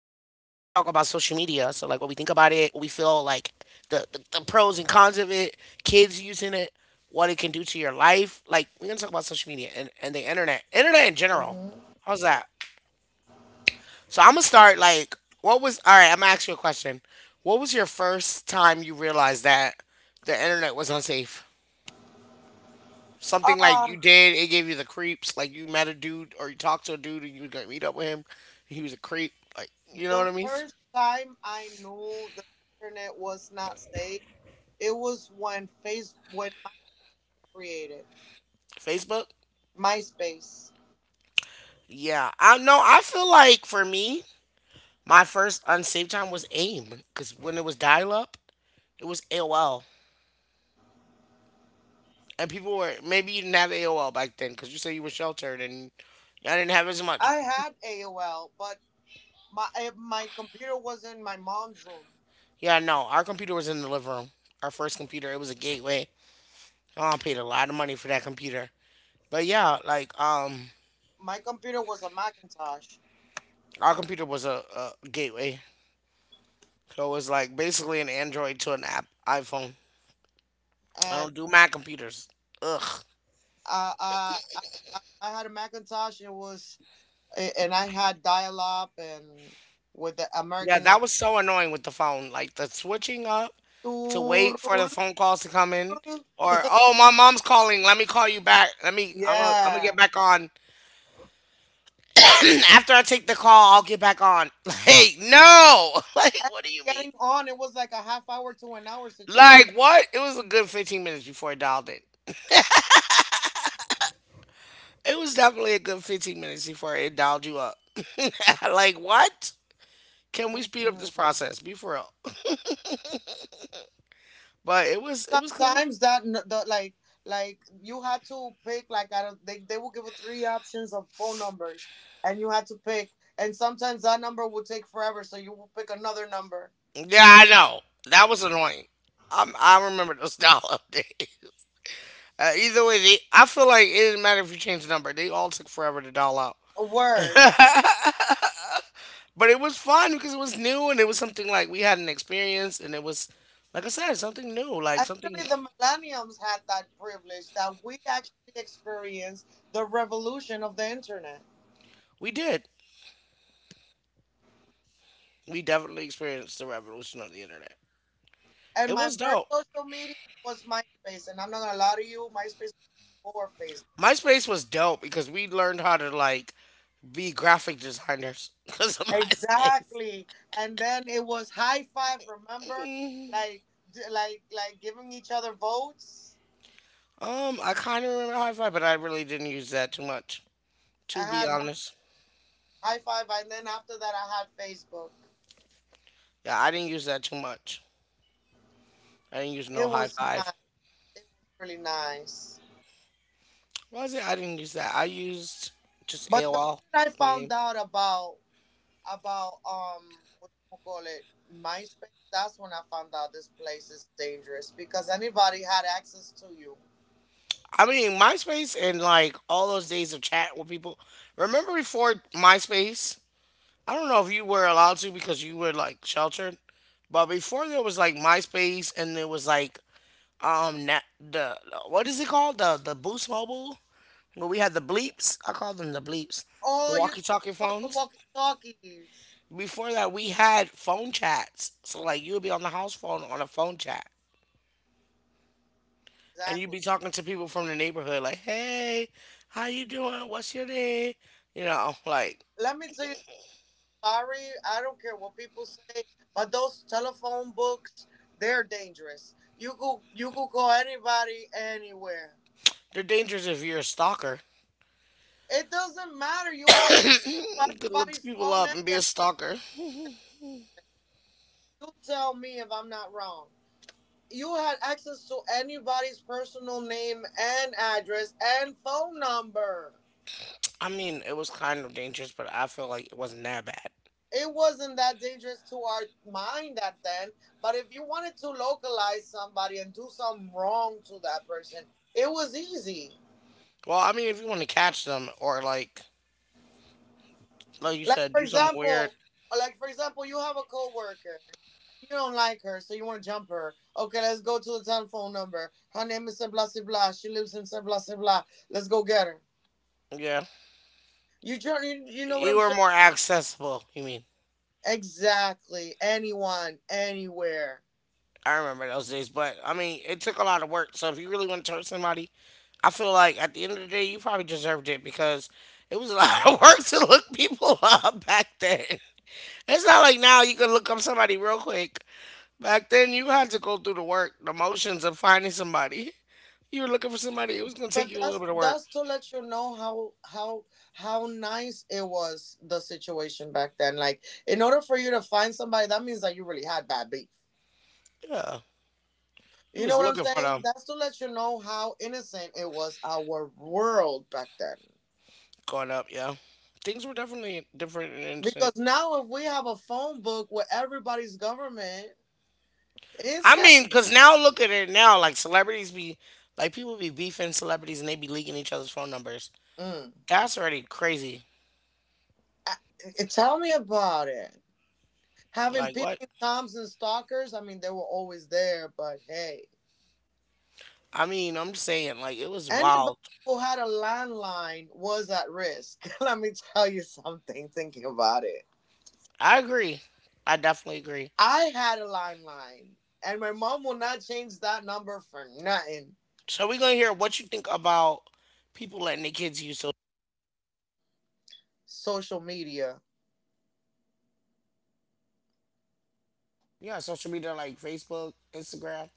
about it, what we feel like the, the, the pros and cons of it, kids using it, what it can do to your life. Like, we're going to talk about social media and the internet in general. How's Mm-hmm. that? So, I'm going to start, like, all right, I'm going to ask you a question. What was your first time you realized that the internet was unsafe? Something like you Uh, did, it gave you the creeps. Like you met a dude or you talked to a dude and you was gonna meet up with him, and he was a creep. Like, you know what the I mean? first time I knew the internet was not safe, it was when face when MySpace was created. Facebook. MySpace. Yeah, I know. I feel like for me, my first unsaved time was AIM because when it was dial up, it was AOL, and people were maybe you didn't have AOL back then because you said you were sheltered and y'all didn't have as much. I had AOL, but my computer was in my mom's room. Yeah, no, our computer was in the living room. Our first computer, it was a gateway. Oh, I paid a lot of money for that computer, but yeah, like My computer was a Macintosh, our computer was a gateway, so it was like basically an Android to an app iPhone. I and don't do Mac computers. Ugh. uh, uh, I I had a Macintosh. It was and I had dial up and with the Yeah, American on. that was so annoying with the phone. Like the switching up to wait for the phone calls to come in, or oh, my mom's calling. Let me call you back. Let me. I'm gonna Yeah. get back on. After I take the call, I'll get back on. Like no. Like And what do you mean? getting on, it was like a half hour to an hour situation. Like what? It was a good 15 minutes before I dialed it. It was definitely a good 15 minutes before it dialed you up. Like, what? Can we speed up this Mm-mm. process? Be for real. But it was cool. Sometimes that n- the like you had to pick, like, out of they will give you three options of phone numbers and you had to pick, and sometimes that number will take forever, so you will pick another number. Yeah, I know. That was annoying. I remember those dial up days. Either way, I feel like it didn't matter if you changed the number. They all took forever to dial out. A word. But it was fun because it was new and it was something like we had an experience and like I said, something new. Like something Actually the millenniums had that privilege that we actually experienced the revolution of the internet. we did. We definitely experienced the revolution of the internet. And It my was first dope. social media was MySpace, and I'm not gonna lie to you, MySpace was before Facebook. MySpace was dope because we learned how to like be graphic designers because of MySpace. Exactly. And then it was high five, remember? Like like giving each other votes. I kind of remember Hi Fi, but I really didn't use that too much. To I be had honest, high five, and then after that I had Facebook. yeah, I didn't use that too much. I didn't use It no High was nice. Five. It was really nice. What Was it? I didn't use that. I used just But the AOL. minute I found Mean, out about what you call it, MySpace, that's when I found out this place is dangerous because anybody had access to you. I mean, MySpace and like all those days of chat with people. Remember before MySpace? I don't know if you were allowed to because you were like sheltered, but before there was like MySpace and there was like na- the what is it called, the Boost Mobile where we had the bleeps. I call them the bleeps, the Oh, you're talking walkie-talkie about the phones. walkie talkies. Before that, we had phone chats. So like you would be on the house phone on a phone chat, and you'd Exactly. be talking to people from the neighborhood, like, "Hey, how you doing? What's your name?" You know, like Let me tell you. Sorry, I don't care what people say, but those telephone books, they're dangerous. You could call anybody anywhere. they're dangerous if you're a stalker. It doesn't matter. You had You could look everybody's people phone in up and be there. a stalker. You tell me if I'm not wrong. You had access to anybody's personal name and address and phone number. I mean, it was kind of dangerous, but I feel like it wasn't that bad. It wasn't that dangerous to our mind at then, but if you wanted to localize somebody and do something wrong to that person, it was easy. Well, I mean, if you want to catch them or like you Like said, for do something weird. example, like for example, you have a coworker, you don't like her, so you want to jump her. Okay, let's go to the telephone number. Her name is blah blah blah. She lives in blah blah blah. Let's go get her. Yeah, You try, you know what you I'm were saying? more accessible. You mean? Exactly. Anyone, anywhere. I remember those days, but I mean, it took a lot of work. So if you really want to hurt somebody, I feel like at the end of the day, you probably deserved it because it was a lot of work to look people up back then. It's not like now you can look up somebody real quick. Back then, you had to go through the work, the motions of finding somebody. You were looking for somebody. It was gonna take But you a little that's bit of work. that's to let you know how nice it was the situation back then. Like in order for you to find somebody, that means that you really had bad beef. Yeah, you You know was what I'm looking for saying? them That's to let you know how innocent it was our world back then. going up. Yeah, things were definitely different and instant. Because now, if we have a phone book with everybody's government, it's I kind. mean, because now look at it now. Like celebrities be, like people be beefing celebrities and they be leaking each other's phone numbers. Mm. That's already crazy. I- Tell me about it. Having Like what? peeping toms and stalkers. I mean, they were always there, but hey, I mean, I'm just saying, like it was anybody wild. who had a landline was at risk. Let me tell you something. Thinking about it, I agree. I definitely agree. I had a landline, and my mom will not change that number for nothing. So we're gonna hear what you think about people letting their kids use social. Social media, Yeah, social media like Facebook, Instagram.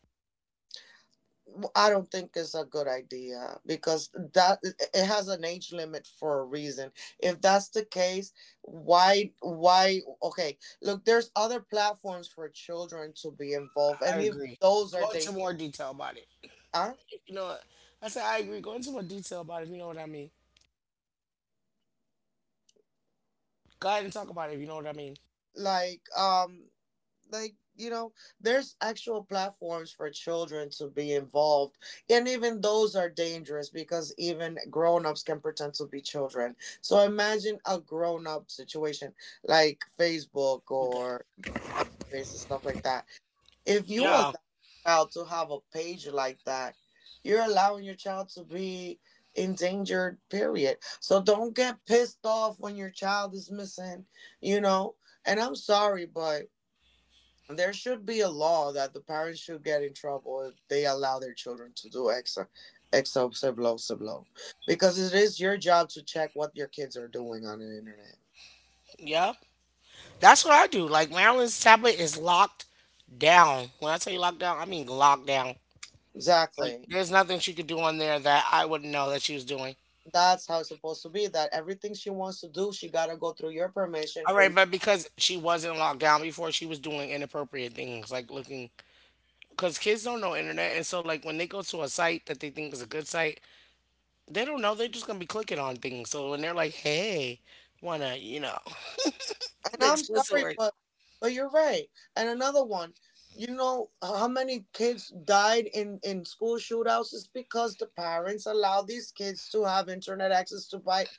I don't think it's a good idea because that it has an age limit for a reason. If that's the case, why okay look, there's other platforms for children to be involved, I and even agree. those are Go into more detail about it. dangerous. You know, what? I said I agree. Go into more detail about it. If you know what I mean. Go ahead and talk about it. If you know what I mean. like um like you know there's actual platforms for children to be involved, and even those are dangerous because even grown-ups can pretend to be children. So imagine a grown-up situation like Facebook You good? or MySpace and stuff like that. If you allow Yeah. your child to have a page like that, you're allowing your child to be endangered, period. So don't get pissed off when your child is missing, you know. And I'm sorry, but there should be a law that the parents should get in trouble if they allow their children to do exo sub low, because it is your job to check what your kids are doing on the internet. Yeah. That's what I do. Like Maryland's tablet is locked down. When I tell you locked down, I mean locked down. Like Exactly, there's nothing she could do on there that I wouldn't know that she was doing. that's how it's supposed to be, that everything she wants to do she got to go through your permission All for you. right, but because she wasn't locked down before, she was doing inappropriate things like looking. Because kids don't know internet, and so like when they go to a site that they think is a good site, they don't know they're just gonna be clicking on things. So when they're like, "Hey, wanna," you know, And the I'm explicit sorry, word. But you're right. And another one, you know how many kids died in school shootouts is because the parents allow these kids to have internet access to buy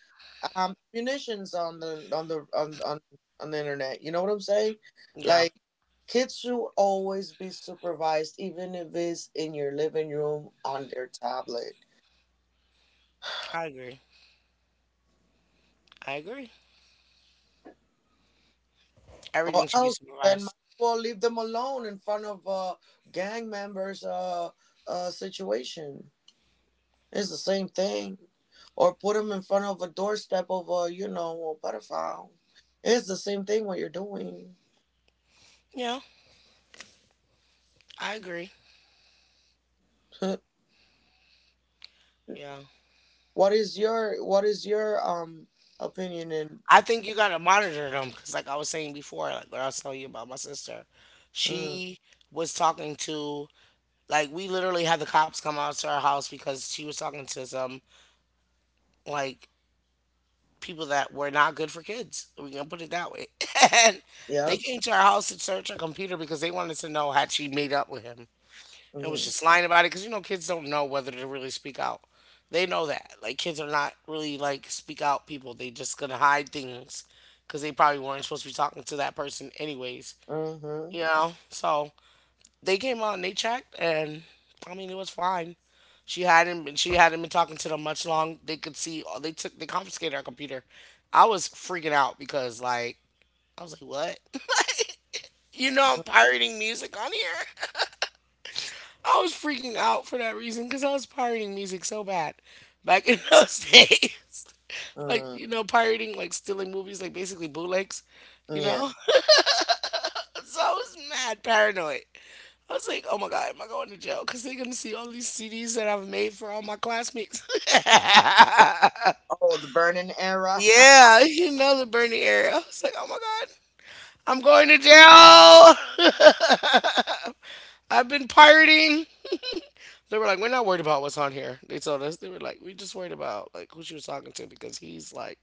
munitions on the on the on the internet. You know what I'm saying? Yeah, Like kids should always be supervised, even if it's in your living room on their tablet. I agree. I agree. Or Everything should be else then might supervised. as well leave them alone in front of gang members situation. It's the same thing. Or put them in front of a doorstep of a, you know, a pedophile. It's the same thing what you're doing. Yeah, I agree. Yeah. What is your opinion? In? I think you gotta monitor them because, like I was saying before, like what I was telling you about my sister, Mm, she was talking to, like, we literally had the cops come out to our house because she was talking to some like people that were not good for kids. We can put it that way, and they yep. came to our house to search her computer because they wanted to know had she made up with him and was Mm, just lying about it because you know kids don't know whether to really speak out. They know that like kids are not really like speak out people. They just gonna hide things because they probably weren't supposed to be talking to that person anyways. mm-hmm. You know, so they came out and they checked, and I mean it was fine. She hadn't been talking to them much long. They could see they took they confiscated our computer. I was freaking out because like I was like what. You know I'm pirating music on here. I was freaking out for that reason because I was pirating music so bad back in those days. Like, Mm, you know, pirating, like stealing movies, like basically bootlegs, you yeah. know? So I was mad paranoid. I was like, oh my God, am I going to jail? Because they're going to see all these CDs that I've made for all my classmates. Oh, the burning era. Yeah, you know, the Bernie area. I was like, oh my God, I'm going to jail. I've been pirating. They were like, we're not worried about what's on here. They told us. They were like, we just worried about like who she was talking to because he's like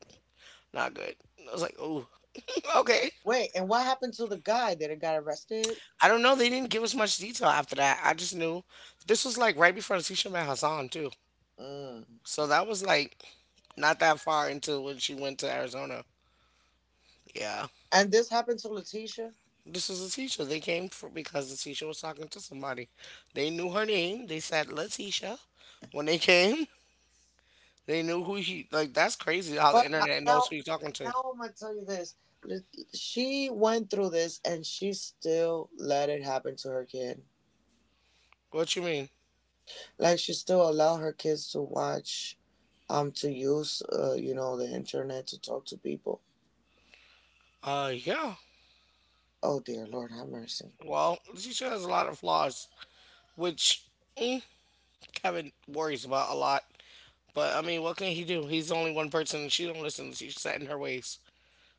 not good. And I was like, oh, okay. Wait, and what happened to the guy that got arrested? I don't know. They didn't give us much detail after that. I just knew this was like right before Letitia met Hassan too. Mm. So that was like not that far into when she went to Arizona. Yeah. And this happened to Letitia. This was Letitia. They came for because Letitia was talking to somebody. They knew her name. They said Letitia. When they came, they knew who he like that's crazy how the But I, internet knows now, who you're talking to. now I'm gonna tell you this. Let- She went through this, and she still let it happen to her kid. What you mean? Like she still allowed her kids to watch, to use, you know, the internet to talk to people. Yeah. Oh dear Lord, have mercy. Well, Letitia has a lot of flaws, which mm, Kevin worries about a lot. But I mean, what can he do? He's only one person, and she don't listen. She's set in her ways.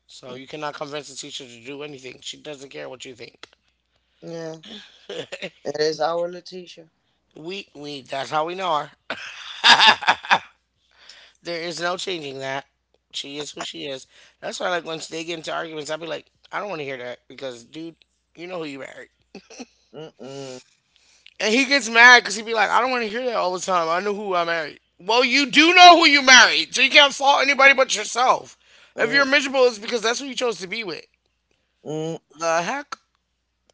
So Mm, you cannot convince a teacher to do anything. She doesn't care what you think. yeah, it is our Letitia. We that's how we know her. There is no changing that. She is who she is. That's why like once they get into arguments, I'll be like, I don't want to hear that because dude, you know who you married. Mm-mm. And he gets mad because he'd be like, I don't want to hear that all the time. I know who I married. Well, you do know who you married, so you can't fault anybody but yourself. If you're miserable, it's because that's who you chose to be with. Mm-mm. The heck?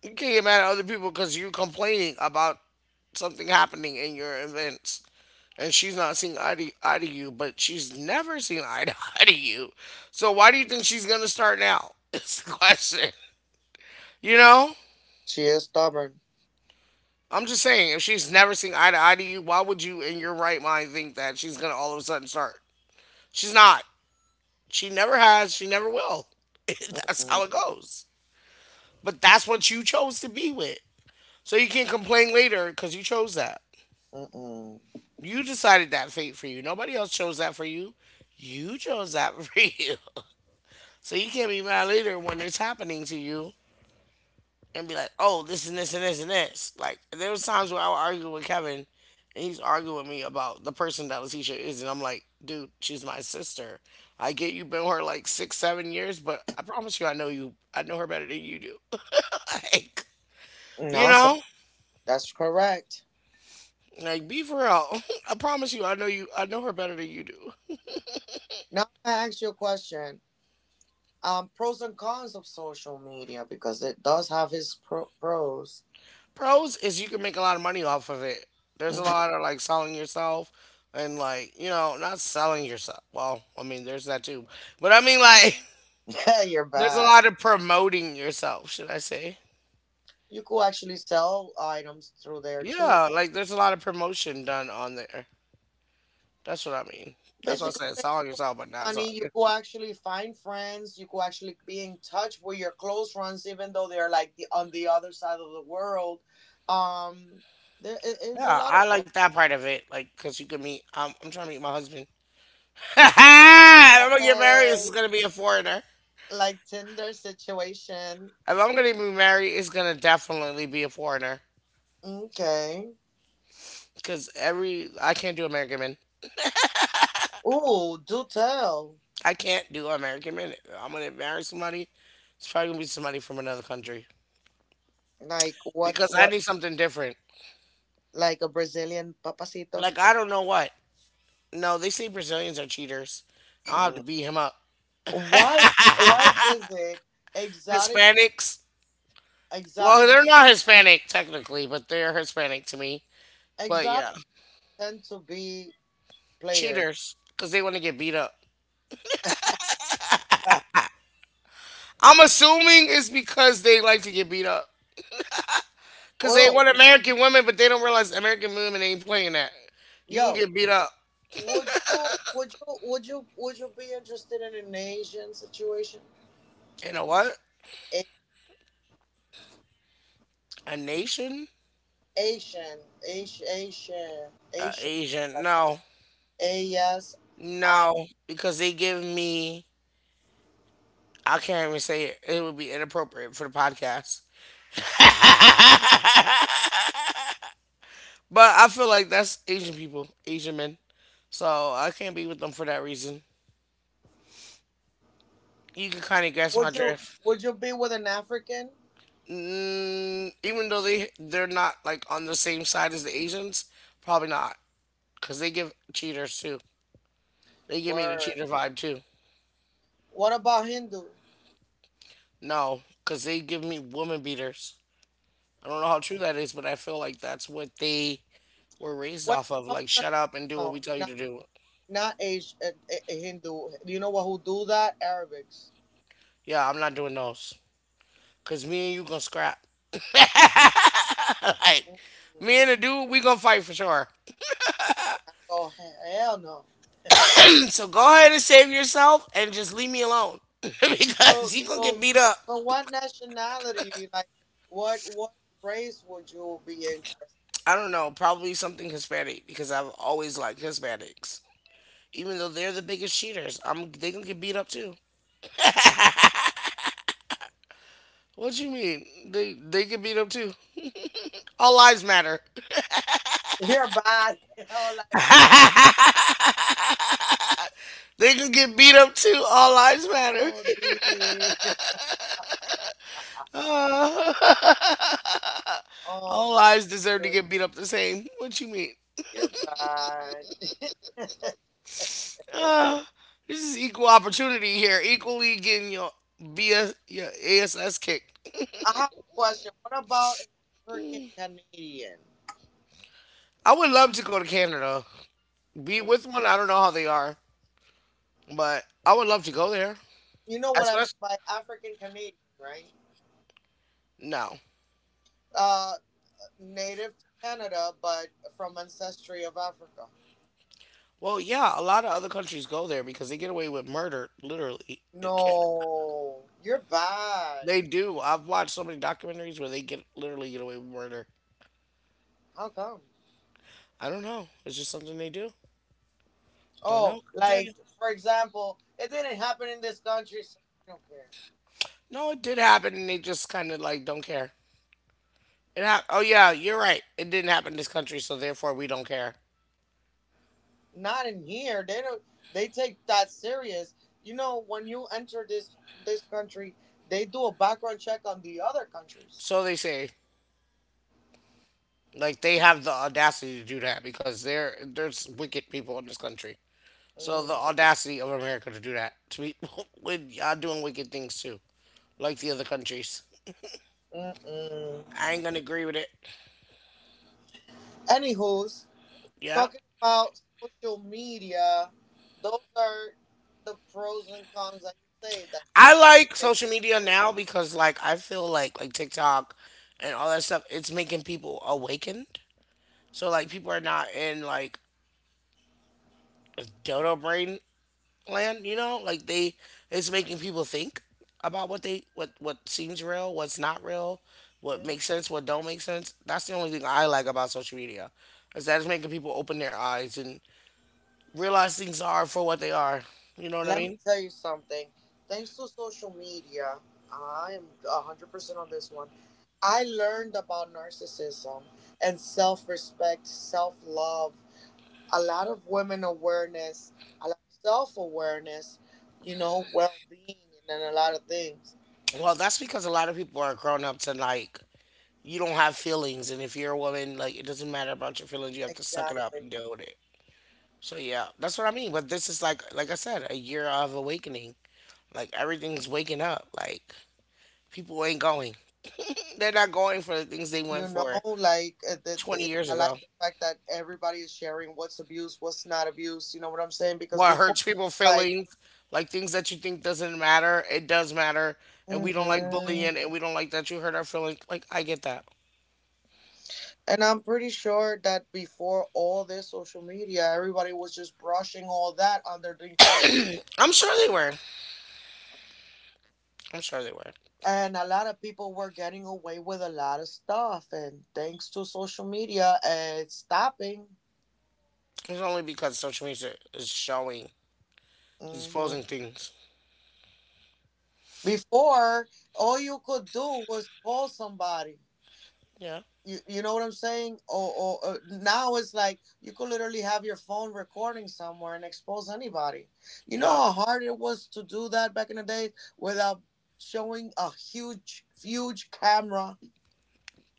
You can't get mad at other people because you're complaining about something happening in your events. And she's not seeing eye to you, but she's never seen eye to eye to you. So why do you think she's going to start now? It's the question. You know? She is stubborn. I'm just saying, if she's never seen eye to eye to you, why would you, in your right mind, think that she's going to all of a sudden start? She's not. She never has. She never will. That's how Mm-mm. it goes. But that's what you chose to be with. So you can't complain later because you chose that. Mm-mm. You decided that fate for you. Nobody else chose that for you. You chose that for you. So you can't be mad later when it's happening to you and be like, oh, this and this and this and this. Like, there was times where I would argue with Kevin and he's arguing with me about the person that Leticia is. And I'm like, dude, she's my sister. I get you've been with her like 6, 7 years, but I promise you. I know her better than you do. Like, And you also, know? that's correct. Like, be for real. I promise you. I know her better than you do. Now I'm gonna ask you a question. Pros and cons of social media because it does have its pros. Pros is you can make a lot of money off of it. There's Mhm. a lot of like selling yourself and like, not selling yourself. Well, I mean, there's that too. But I mean, like, Yeah, you're there's a bad. lot of promoting yourself, should I say? You could actually sell items through there too. Yeah, like there's a lot of promotion done on there. That's what I mean. That's what I Basically, said, selling yourself, but not selling money. You you. go actually find friends. You go actually be in touch with your close friends, even though they're like the on the other side of the world. Um, there is a Yeah, lot I of like that part of it. Like, cause you can meet. I'm trying to meet my husband. If I'm gonna get married. This uh, is gonna be a foreigner. like Tinder situation. If I'm gonna be married, it's gonna definitely be a foreigner. Okay. Because every I can't do American men. Ooh, do tell. I can't do American men. I'm gonna marry somebody. It's probably gonna be somebody from another country Like what? because I What? need something different. Like a Brazilian papacito. Like I don't know what. No, they say Brazilians are cheaters. I'll have to Mm. beat him up. Why? Why is it exotic? Hispanics. Well, Exotic? they're not Hispanic technically, but they're Hispanic to me. But Exotic yeah, tend to be players. cheaters because they want to get beat up. Ah, I'm assuming it's because they like to get beat up because they oh, want American women, but they don't realize American women ain't playing that. You can yo. get beat up. Would you be interested in an Asian situation? You know what? A- a nation, Asian, Asian, Asian, a Asian, Asian. like No, A-S-I. no, because they give me. I can't even say it. It would be inappropriate for the podcast. But I feel like that's Asian people, Asian men. So I can't be with them for that reason. You can kind of guess my Would you drift. would you be with an African? Even though they're not like on the same side as the Asians, probably not, cause they give cheaters too. They give me the Word. cheater vibe too. What about Hindu? No, cause they give me woman beaters. I don't know how true that is, but I feel like that's what they We're raised Wait, off of. no, Like, no, no, shut up and do no, no, what we no. tell you not to do. not Asian, Hindu. Do you know what who do that? Arabics. Yeah, I'm not doing those. Cause me and you gonna scrap. Like, Mm. me and the dude, we gonna fight for sure. Oh hell no. So go ahead and save yourself and just leave me alone So because you gonna get so beat up. so what nationality, like what race would you be interested I don't know, probably something Hispanic because I've always liked Hispanics, even though they're the biggest cheaters. I'm They gonna get beat up too. What you mean? They get beat up too. All lives matter. in? Your body. Oh like They can get beat up too. All lives matter. oh dear. Oh All my lives deserve to goodness. get beat up the same. What you mean? Your body. Uh, this is equal opportunity here. Equally getting your BS, your ASS kicked. I have a question. What about an African Canadian? I would love to go to Canada. Be Mm. with one. I don't know how they are, but I would love to go there. You know what I mean Especially by African Canadian, right? no. Uh, native to Canada but from ancestry of Africa. Well, yeah, a lot of other countries go there because they get away with murder, literally in Canada. No. You're bad. They do. I've watched so many documentaries where they get literally get away with murder. How come? I don't know. It's just something they do. Don't Oh, know. Couldn't tell you. like for example, it didn't happen in this country, so we don't care. No, it did happen, and they just kind of like don't care. Oh yeah, you're right. It didn't happen in this country, so therefore we don't care. Not in here. They don't. They take that serious. You know, when you enter this country, they do a background check on the other countries. So they say, like they have the audacity to do that because they're there's wicked people in this country. So the Mm, audacity of America to do that to people when y'all doing wicked things too, like the other countries. mm-mm. I ain't gonna agree with it. Anywho's Yeah. talking about social media. Those are the pros and cons that you say that I you like like to take social into media consideration. now because like I feel like TikTok and all that stuff, it's making people awakened. So like people are not in like dodo brain land, you know, like they it's making people think about what they what seems real, what's not real, what makes sense, what don't make sense. That's the only thing I like about social media, is that it's making people open their eyes and realize things are for what they are. You know what I Let me mean? tell you something. Thanks to social media, I am 100% on this one. I learned about narcissism and self respect, self love, a lot of women awareness, a lot of self awareness, you know, well being, and then a lot of things. Well, that's because a lot of people are grown up to like, you don't have feelings, and if you're a woman, like, it doesn't matter about your feelings. You have to suck it up Exactly. and deal with it. So yeah, that's what I mean. But this is like I said, a year of awakening. Like everything's waking up. Like, people ain't going. They're not going for the things they You went know, for like, 20 years I like ago. the fact that everybody is sharing what's abuse, what's not abuse. You know what I'm saying? Because What before, hurts people's like, feelings, like things that you think doesn't matter, it does matter. And we don't like mm-hmm. bullying and we don't like that you hurt our feelings. Like, I get that. And I'm pretty sure that before all this social media, everybody was just brushing all that underneath the rug. I'm sure they were. I'm sure they were. And a lot of people were getting away with a lot of stuff. And thanks to social media, it's stopping. It's only because social media is showing, Hmm. exposing things. Before, all you could do was call somebody. Yeah. You know what I'm saying? Or now it's like you could literally have your phone recording somewhere and expose anybody. You know Yep. how hard it was to do that back in the day without showing a huge camera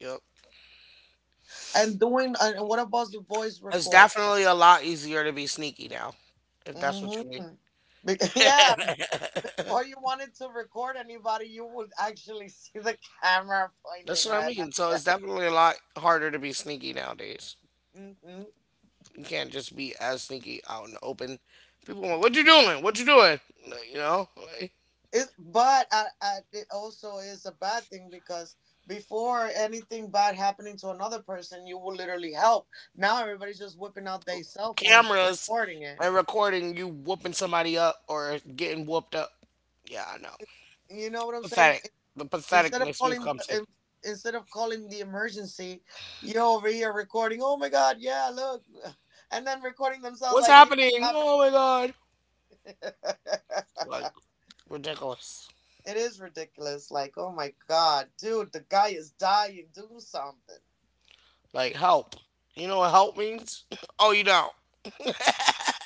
Yep. and doing and what about the voice It's record? definitely a lot easier to be sneaky now, if that's what you mean. Mm-hmm. Yeah, or you wanted to record anybody, you would actually see the camera pointing That's what I right mean. So it's at definitely a lot harder to be sneaky nowadays. you. Hmm. You can't just be as sneaky out in the open. People want, what you doing? What you doing? Like, you know, like, It, but it also is a bad thing because before anything bad happening to another person, you will literally help. Now everybody's just whipping out their cell phones, cameras recording it. and recording you whooping somebody up or getting whooped up. Yeah, I know. You know what I'm saying? Pathetic. The Instead of patheticness we've calling come the to. in- Instead of calling the emergency, you're over here recording. Oh my God! Yeah, look, and then recording themselves What's like, yeah, it's happening? happening. Oh my god. Like, ridiculous. It is ridiculous. Like, oh my God, dude, the guy is dying. Do something. Like, help. You know what help means? Oh, you don't.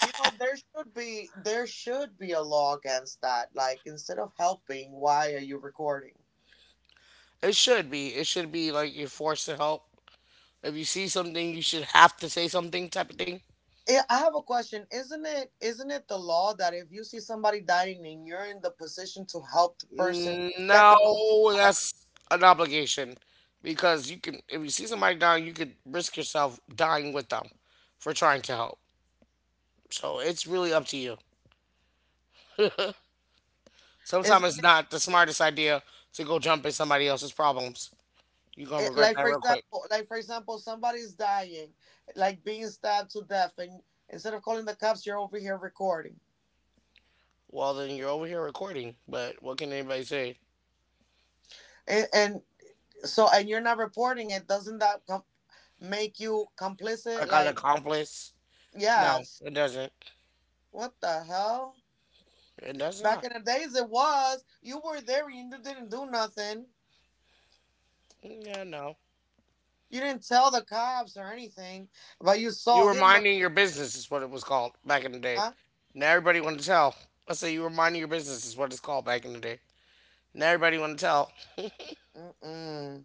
You know, there should be a law against that. Like instead of helping, why are you recording? It should be. It should be like you're forced to help. If you see something, you should have to say something type of thing. Eh, I have a question. Isn't it the law that if you see somebody dying and you're in the position to help the person, Mm, let the person no, die? that's an obligation because you can, if you see somebody dying, you could risk yourself dying with them for trying to help. So it's really up to you. Sometimes Isn't it's it, not the smartest idea to go jump in somebody else's problems. You're gonna it regret like that for real quick. example, somebody's dying, like being stabbed to death, and instead of calling the cops, you're over here recording, Well, then you're over here recording, but what can anybody say? and, and and you're not reporting it. Doesn't make you I complicit? got an Like accomplice? yeah. No, it doesn't. What the hell? It does Back not. in the days, it was. You were there and you didn't do nothing. Yeah, no. You didn't tell the cops or anything, but you You saw were him. Minding your business is what it was called back in the day. Huh? Now everybody want to tell. Let's say you were minding your business is what it's called back in the day. Now everybody want to tell, Mm-mm.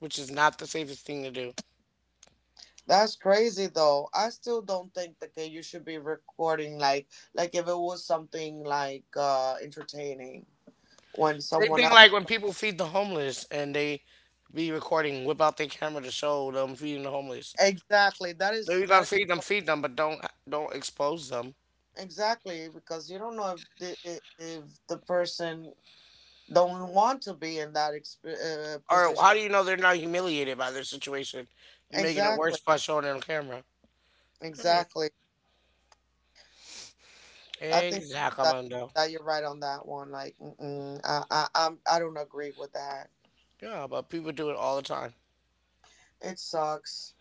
which is not the safest thing to do. That's crazy, though. I still don't think that you should be recording, like if it was something like entertaining when Same someone thing else. like when people feed the homeless and they be recording, whip out their camera to show them feeding the homeless. Exactly. That If is you're that gonna is feed them, but don't expose them. exactly because you don't know if the person don't want to be in that Or position. how do you know they're not humiliated by their situation? You're making it Exactly. worse by showing it on camera. Right. Exactly. I think that Exactly. that you're right on that one. Like, mm-mm, I don't agree with that. Yeah, but people do it all the time. It sucks.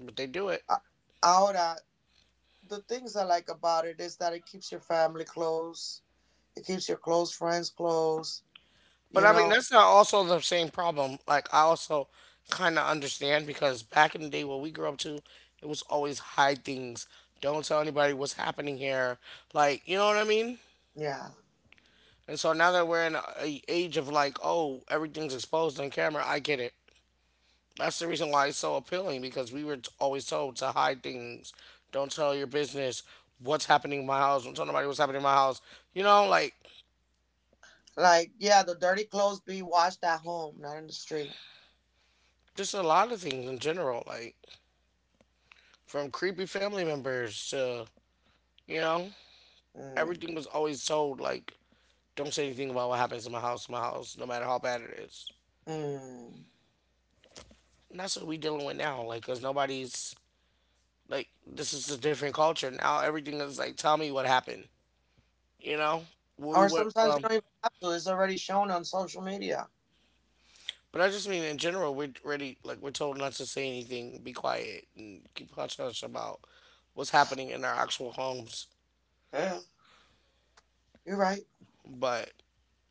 But they do it. A- Ahora, the things I like about it is that it keeps your family close. It keeps your close friends close. But You I mean, know? that's not also the same problem. Like, I also kind of understand because back in the day, what we grew up to, it was always hide things. Don't tell anybody what's happening here. Like, you know what I mean? Yeah. And so now that we're in a age of, like, oh, everything's exposed on camera, I get it. That's the reason why it's so appealing because we were always told to hide things. Don't tell your business what's happening in my house. Don't tell nobody what's happening in my house. You know, like, Like, yeah, the dirty clothes be washed at home, not in the street. just a lot of things in general. Like, from creepy family members to. You know, Mm. everything was always told like, don't say anything about what happens in my house, no matter how bad it is. Mm. And that's what we dealing with now, like, cause nobody's like, this is a different culture now. Everything is like, tell me what happened. You know, where we Or went sometimes you from. don't even have to. It's already shown on social media. But I just mean in general, we're ready. Like we're told not to say anything, be quiet, and keep hush hush about what's happening in our actual homes. Yeah, you're right. But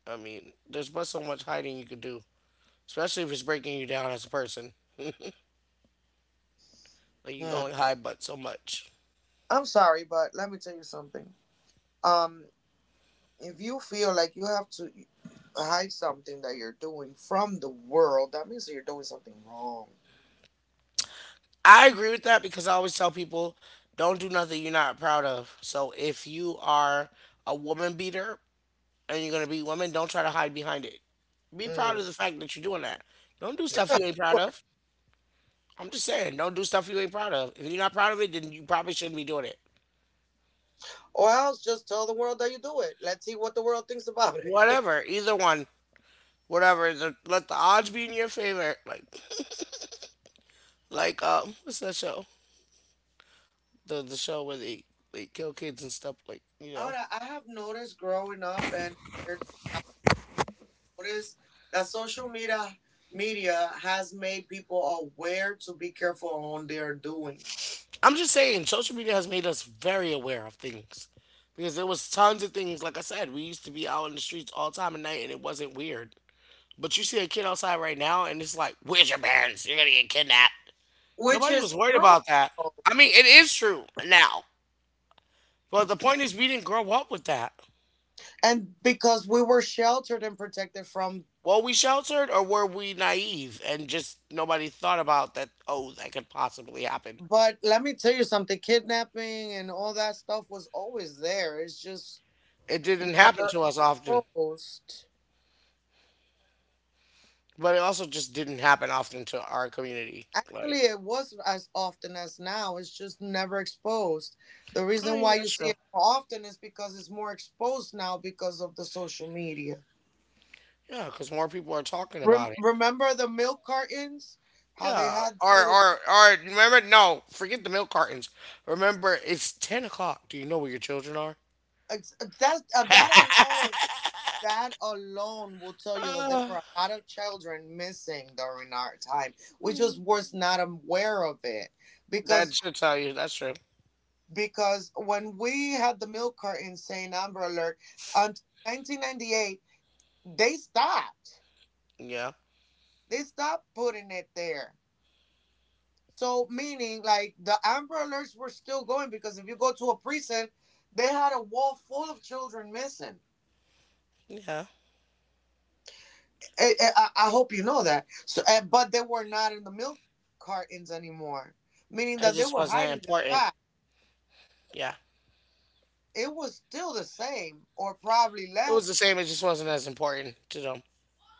I mean, there's but so much hiding you could do, especially if it's breaking you down as a person. Like you can Hmm. only hide but so much. I'm sorry, but let me tell you something. Um. If you feel like you have to hide something that you're doing from the world, that means that you're doing something wrong. I agree with that because I always tell people don't do nothing you're not proud of. So if you are a woman beater and you're going to beat women, don't try to hide behind it. Be proud Mm. of the fact that you're doing that. Don't do stuff you ain't proud Or of. I'm just saying, don't do stuff you ain't proud of. If you're not proud of it, then you probably shouldn't be doing it. or else just tell the world that you do it. Let's see what the world thinks about it. Whatever, either one, whatever. The, let the odds be in your favor. Like, what's that show? The show where they kill kids and stuff. Like, Ahora, I have noticed growing up and compared to notice that social media has made people aware to be careful on their doings, I'm just saying, social media has made us very aware of things because there was tons of things. Like I said, we used to be out in the streets all time at night, and it wasn't weird. But you see a kid outside right now, and it's like, "Where's your parents? You're gonna get kidnapped." which Nobody is was worried true. about that. I mean, it is true now, but the point is, we didn't grow up with that. And because we were sheltered and protected from. Were we sheltered, or were we naive and just nobody thought about that? Oh, that could possibly happen. But let me tell you something, kidnapping and all that stuff was always there. It's just It didn't happen never to us often, exposed. but it also just didn't happen often to our community. Like Actually, it was as often as now. It's just never exposed. The I reason mean, why you that's true. see it more often is because it's more exposed now because of the social media. Yeah, because more people are talking about it. Remember the milk cartons? How they Yeah, had the or little. or or remember? No, forget the milk cartons. Remember, it's 10 o'clock. Do you know where your children are? That's that alone. That alone will tell you that there Uh, were a lot of children missing during our time. We just was not aware of it that because should tell you. That's true. When we had the milk carton saying Amber Alert until 1998, they stopped. Yeah, They stopped putting it there. So meaning like the Amber Alerts were still going because if you go to a prison, they had a wall full of children missing. yeah. I hope you know that. So but they were not in the milk cartons anymore, meaning It that they just were wasn't hiding this important. fact. Yeah, It was still the same, or probably it was the less. same. It just wasn't as important to them.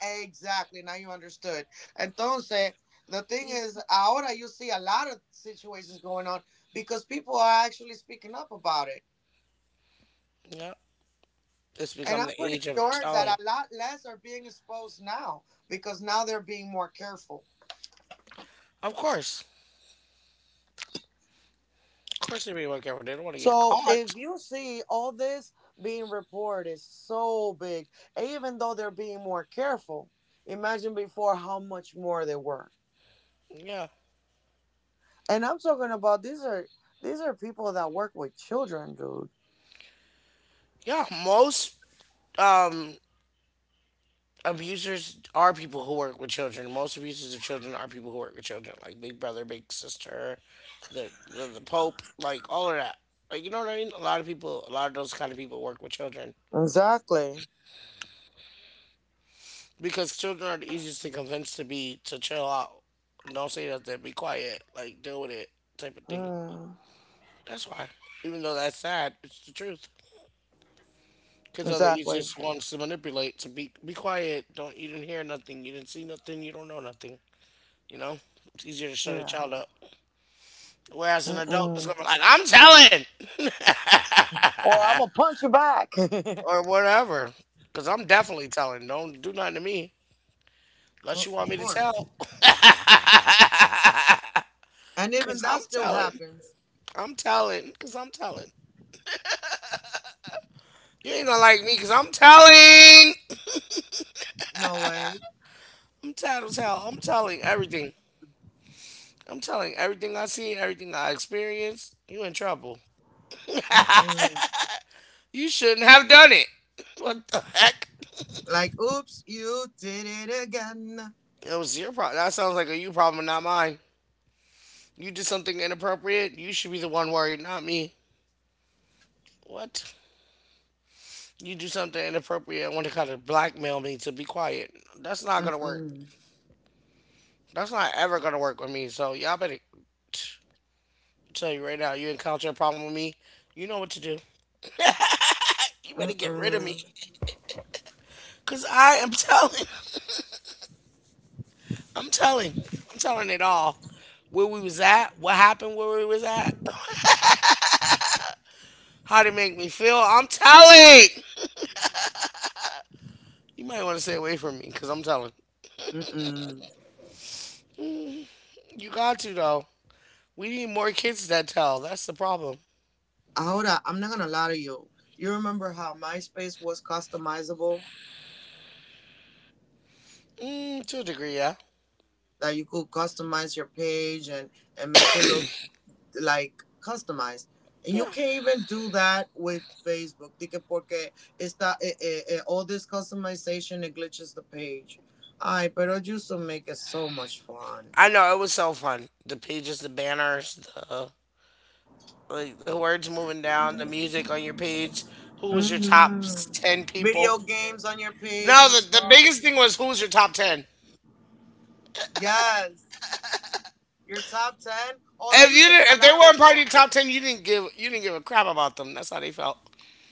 Exactly. Now you understood. Entonces, the thing is, ahora you see a lot of situations going on because people are actually speaking up about it. Yeah, it's And become I'm the pretty age of sure telling. that a lot less are being exposed now because now they're being more careful. Of course, of course, they be more careful. They don't want to get So caught. if you see all this being reported so big, and even though they're being more careful, imagine before how much more they were. Yeah, And I'm talking about these are people that work with children, dude. yeah. Most um abusers are people who work with children. Most abusers of children are people who work with children, like Big Brother, Big Sister, the Pope, like all of that. Like you know what I mean? A lot of people, a lot of those kind of people work with children Exactly. because children are the easiest to convince to be to chill out. Don't say nothing. Be quiet. Like deal with it, type of thing. Mm, That's why. Even though that's sad, it's the truth. Kids are the exactly. easiest ones to manipulate. To be quiet. Don't you didn't hear nothing. You didn't see nothing. You don't know nothing. You know, it's easier to shut a Yeah. child up. Whereas an adult is Mm-mm. gonna be like, I'm telling, Or I'm gonna punch you back. or whatever, because I'm definitely telling. Don't do nothing to me unless Of you want me to course. tell. And Cause even that still happens. I'm telling, cause I'm telling. You ain't gonna like me, cause I'm telling. No way. I'm tattletale. I'm telling everything. I'm telling everything I see, everything I experience. You in trouble. Mm-mm. You shouldn't have done it. What the heck? Like, oops, you did it again. It was your problem. That sounds like a you problem, not mine. You do something inappropriate, you should be the one worried, not me. What? You do something inappropriate and want to kind of blackmail me to be quiet. That's not gonna work. Mm-mm. That's not ever gonna work with me. So y'all better tell you right now, you encounter a problem with me, you know what to do. You better get rid of me. Mm-mm. Cause I am telling, I'm telling, I'm telling it all. Where we was at, what happened where we was at, how to make me feel. I'm telling. You might want to stay away from me, cause I'm telling. Mm-mm. You got to though. We need more kids that tell. That's the problem. Ahora, I'm not gonna lie to you. You remember how MySpace was customizable? Mm, to a degree, yeah. That you could customize your page and make it look like customized. And you Yeah. can't even do that with Facebook. Dije porque está all this customization it glitches the page. Ay, pero it used to make it so much fun. I know it was so fun. The pages, the banners, the like the words moving down, the music on your page. Who was your top ten Mm-hmm. Video people? games on your page No, and the stuff. biggest thing was who was your top ten. Yes. Your top ten? Oh, that If used you to get didn't, a if they lot of weren't part of your people. top ten, you didn't give a crap about them. That's how they felt.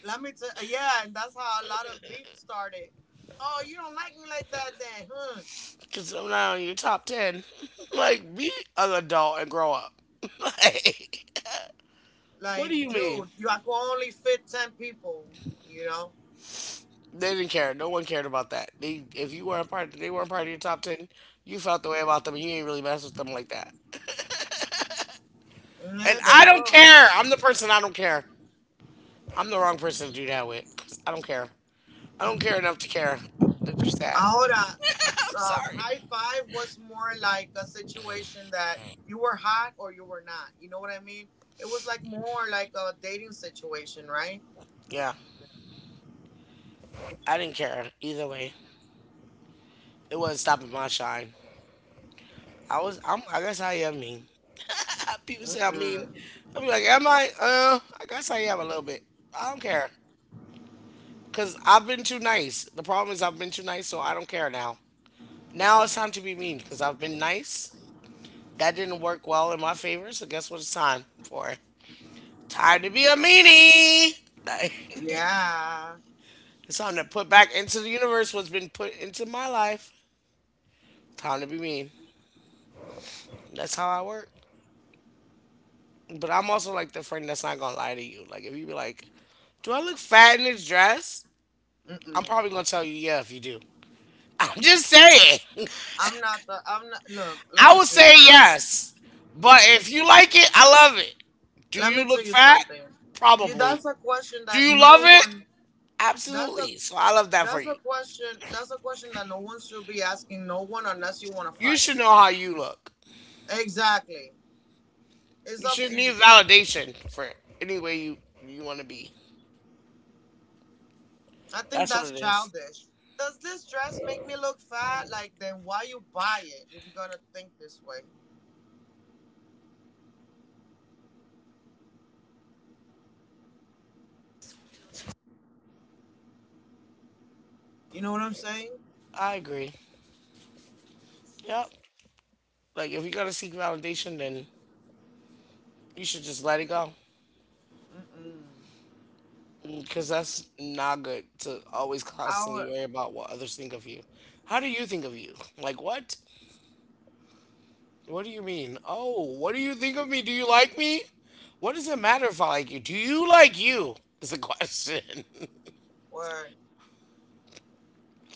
Let me tell. Yeah, and that's how a lot of beef started. Oh, you don't like me like that, then, huh? Because I'm not on your top ten. Like be an adult and grow up. Like, what do Like, you mean? dude, you I could only fit ten people. You know? They didn't care. No one cared about that. They if you weren't part they weren't part of your top ten, you felt the way about them and you ain't really mess with them like that. And Yeah, there I you don't go. care. I'm the person I don't care. I'm the wrong person to do that with 'cause I don't care. I don't care enough to care that you're sad. Ahora, I'm sorry. high five was more like a situation that you were hot or you were not. You know what I mean? It was like more like a dating situation, right? Yeah, I didn't care either way. It wasn't stopping my shine. I was. I'm. I guess I am mean. People say I'm mean. Mm-mm. I will be like, am I? I guess I am a little bit. I don't care. Cause I've been too nice. The problem is I've been too nice, so I don't care now. Now it's time to be mean because I've been nice. That didn't work well in my favor, so guess what it's time for? Time to be a meanie. Like, Yeah. it's time to put back into the universe what's been put into my life. Time to be mean. That's how I work. But I'm also like the friend that's not gonna lie to you. Like if you be like, "Do I look fat in this dress?" I'm Mm-mm. probably gonna tell you, "Yeah, if you do." I'm just saying. I'm not the. I'm not. Look, let I me would tell say you something. yes. But if you like it, I love it. Do Let me you tell look you fat? something. You. Probably. That's a question Do that you love no it? one. That's a. Absolutely. So I love that for you. That's a question that no one should be asking no one unless you want to You fight. should know how you look. Exactly. It's You up should not to need you. validation for any way you you want to be. I think That's what that's it is. childish. Does this dress make me look fat? Like, then why you buy it if you're gonna think this way? You know what I'm saying? I agree. Yep. Like if you're gonna seek validation, then you should just let it go. Mm-mm. Because that's not good to always constantly Our worry about what others think of you. How do you think of you? Like what? What do you mean? Oh, what do you think of me? Do you like me? What does it matter if I like you? Do you like you? Is the question. word.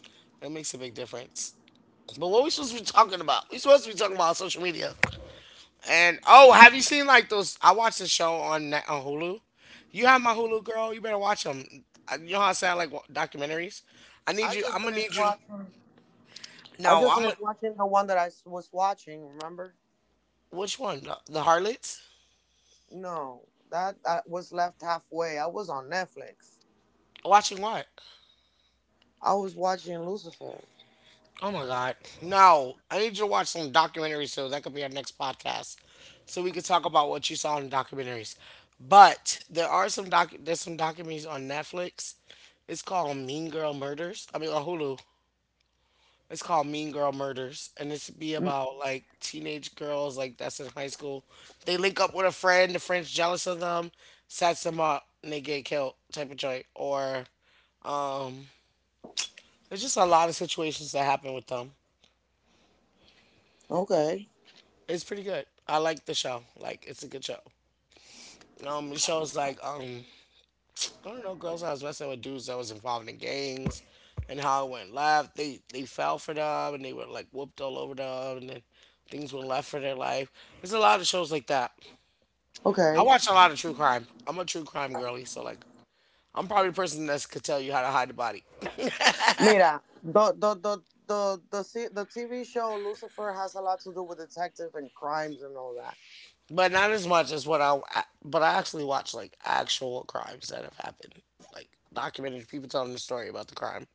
That makes a big difference. But what are we supposed to be talking about? We supposed to be talking about social media. And oh, have you seen like those? I watched a show on on Hulu. You have my Hulu, girl. You better watch them. You know how I say I like documentaries. I need I you. just I'm gonna finished need you. To, watching. I no, just I'm. A, finished watching the one that was watching. Remember? which one? The Harlots? No, that that was left halfway. I was on Netflix. Watching what? I was watching Lucifer. Oh my God. No. I need you to watch some documentaries so that could be our next podcast. So we could talk about what you saw in documentaries. But there's some documentaries on Netflix. It's called Mean Girl Murders. I mean on Hulu. It's called Mean Girl Murders. And it's be Mm. about like teenage girls like that's in high school. They link up with a friend, the friend's jealous of them, sets them up and they get killed type of joint. Or there's just a lot of situations that happen with them. Okay, It's pretty good. I like the show. Like it's a good show. It shows like I don't know, girls I was messing with dudes that was involved in gangs, and how it went left. They fell for them and they were like whooped all over them, and then things went left for their life. There's a lot of shows like that. I okay. watch a lot of true crime. I'm a true crime girly, so like I'm probably a person that could tell you how to hide the body, Mira, the TV show Lucifer has a lot to do with detective and crimes and all that. but not as much as what I. But I actually watch like actual crimes that have happened, like documentary people telling the story about the crime.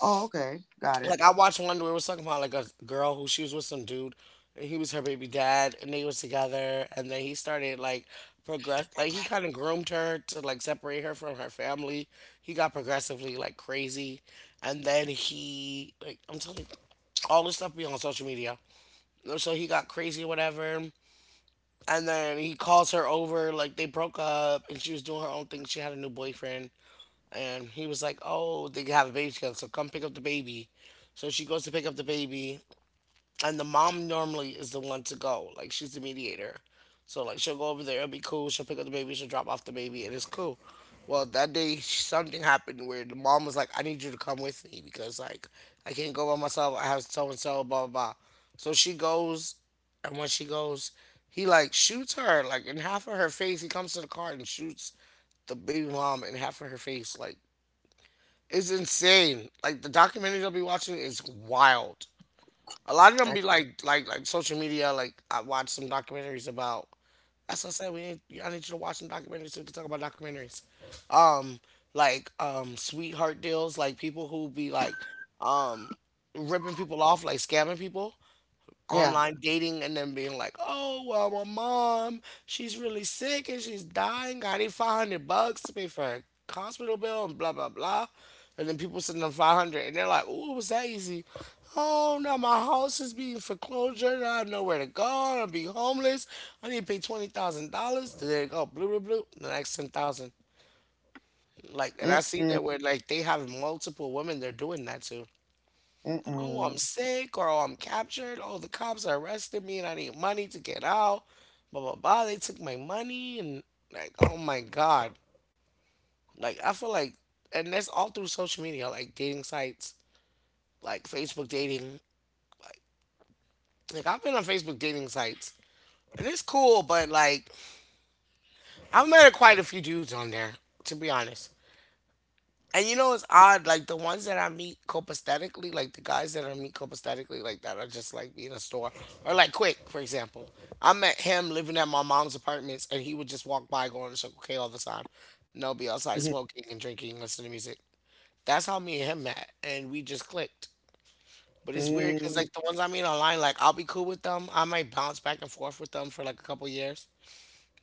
Oh, okay, got it. Like I watched one where it was talking about like a girl who she was with some dude and he was her baby dad and they was together and then he started like progress like he kind of groomed her to like separate her from her family. He got progressively like crazy and then he like I'm telling you all this stuff be on social media. So he got crazy or whatever and then he calls her over like they broke up and she was doing her own thing. She had a new boyfriend and he was like, "Oh, they have a baby together, so come pick up the baby." So she goes to pick up the baby, and the mom normally is the one to go, like she's the mediator. So like she'll go over there, it'll be cool. She'll pick up the baby, she'll drop off the baby, and it's cool. Well, that day something happened where the mom was like, "I need you to come with me because like I can't go by myself. I have so and so, blah blah blah." So she goes, and when she goes, he like shoots her like in half of her face. He comes to the car and shoots the baby mom in half of her face, like it's insane. Like the documentaries I'll be watching is wild. A lot of them I, be like like social media. Like I watch some documentaries about. That's what I said. We need, I need you to watch some documentaries so we can talk about documentaries. Um, like sweetheart deals. Like people who be like um ripping people off, like scamming people yeah. online dating and then being like, oh, well, my mom, she's really sick and she's dying. I need $500 to pay for her hospital bill and blah, blah, blah. And then people send them 500 and they're like, oh, it was that easy. Oh, now my house is being foreclosure. Now I have nowhere to go. I'm going to be homeless. I need to pay $20,000. There you go. Blue, blue, blue. The next 10,000. Like, and I see Mm-mm, that where, like, they have multiple women they're doing that to. Oh, I'm mm-mm, sick or oh, I'm captured. Oh, the cops arrested me and I need money to get out. Blah, blah, blah. They took my money and, like, oh my God. Like, I feel like, and that's all through social media, like dating sites, like Facebook dating. Like, like I've been on Facebook dating sites and it's cool, but, like, I've met quite a few dudes on there, to be honest. And you know it's odd, like the ones that I meet copaesthetically, like the guys that I meet copaesthetically, like that are just like me in a store. Or like Quick, for example. I met him living at my mom's apartments and he would just walk by going to Circle K all the time. No be outside mm-hmm, smoking and drinking, listening to music. That's how me and him met. And we just clicked. But it's weird because like the ones I meet online, like I'll be cool with them. I might bounce back and forth with them for like a couple years.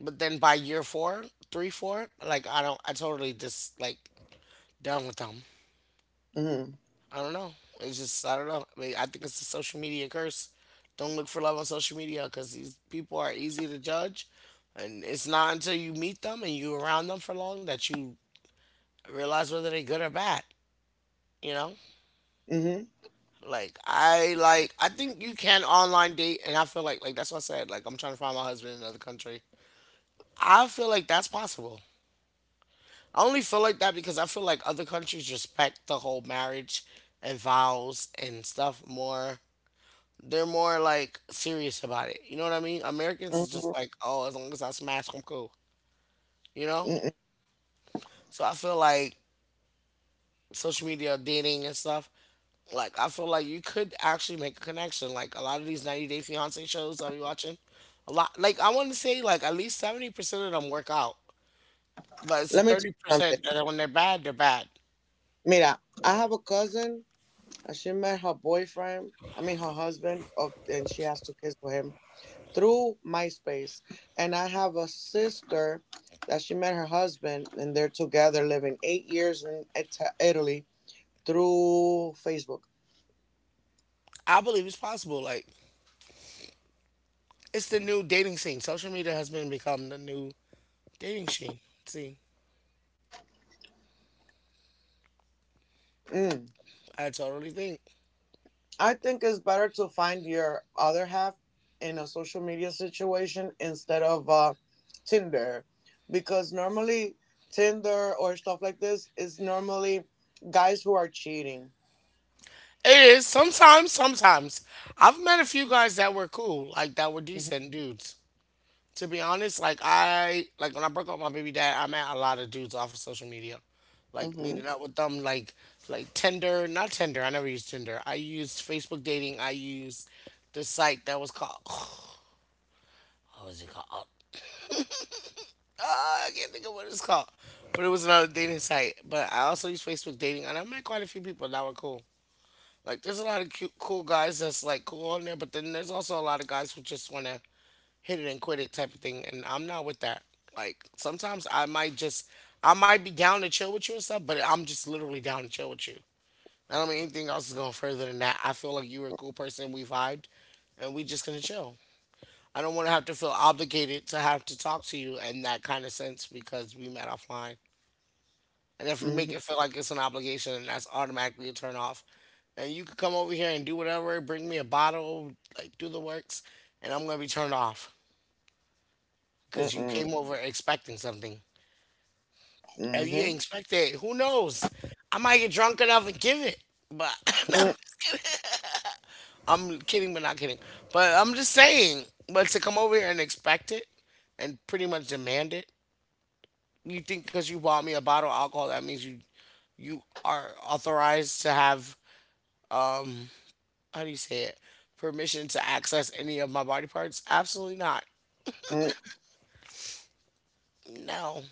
But then by year four, three, four, like I don't I totally just like done with them. mm-hmm, I don't know. It's just I don't know. I mean, I think it's the social media curse. Don't look for love on social media because these people are easy to judge, and it's not until you meet them and you around them for long that you realize whether they're good or bad. You know, mm-hmm, like I think you can online date, and I feel like that's what I said. Like I'm trying to find my husband in another country. I feel like that's possible. I only feel like that because I feel like other countries respect the whole marriage and vows and stuff more. They're more like serious about it. You know what I mean? Americans is just mm-hmm, like, oh, as long as I smash, I'm cool. You know? mm-hmm. So I feel like social media dating and stuff, like I feel like you could actually make a connection. Like a lot of these 90 Day Fiance shows I'll be watching, a lot like I want to say like at least 70% of them work out. But it's the Let me tell you something. 30% that when they're bad, they're bad. Mira, I have a cousin. She met her boyfriend, I mean her husband, of, and she has two kids with him through MySpace. And I have a sister that she met her husband, and they're together living 8 years in Italy through Facebook. I believe it's possible. Like it's the new dating scene. Social media has been become the new dating scene. See, Mm. I totally think. I think it's better to find your other half in a social media situation instead of Tinder, because normally Tinder or stuff like this is normally guys who are cheating. It is sometimes, sometimes. I've met a few guys that were cool, like that were decent dudes. To be honest, like I like when I broke up with my baby dad, I met a lot of dudes off of social media. Like Hmm. meeting up with them like Tinder, not Tinder, I never used Tinder. I used Facebook dating, I used the site that was called what was it called? I can't think of what it's called. But it was another dating site. But I also used Facebook dating and I met quite a few people that were cool. Like there's a lot of cute, cool guys that's like cool on there, but then there's also a lot of guys who just want to hit it and quit it type of thing, and I'm not with that. Like sometimes I might just, I might be down to chill with you and stuff, but I'm just literally down to chill with you. I don't mean anything else is going further than that. I feel like you were a cool person, we vibed, and we just gonna chill. I don't want to have to feel obligated to have to talk to you in that kind of sense because we met offline. And if we make Hmm. it feel like it's an obligation, then that's automatically a turn off. And you could come over here and do whatever, bring me a bottle, like do the works, and I'm gonna be turned off because you Mm-mm. came over expecting something. If you Mm-hmm. didn't expect it, who knows? I might get drunk enough and give it. But no, I'm kidding, but not kidding. But I'm just saying, but to come over here and expect it and pretty much demand it, you think because you bought me a bottle of alcohol, that means you are authorized to have uh, how do you say it, permission to access any of my body parts. Absolutely not. Mm-mm. No.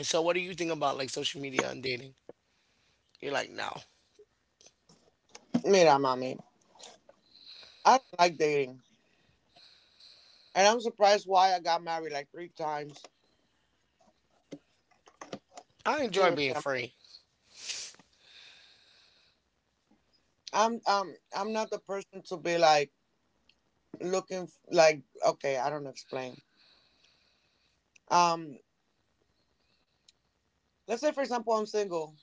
So what do you think about like social media and dating? You're like no. Mira, mommy, I don't like dating, and I'm surprised why I got married like three times. I enjoy being Seriously, free. I'm not the person to be like like okay, I don't know, explain. Um, let's say for example, I'm single.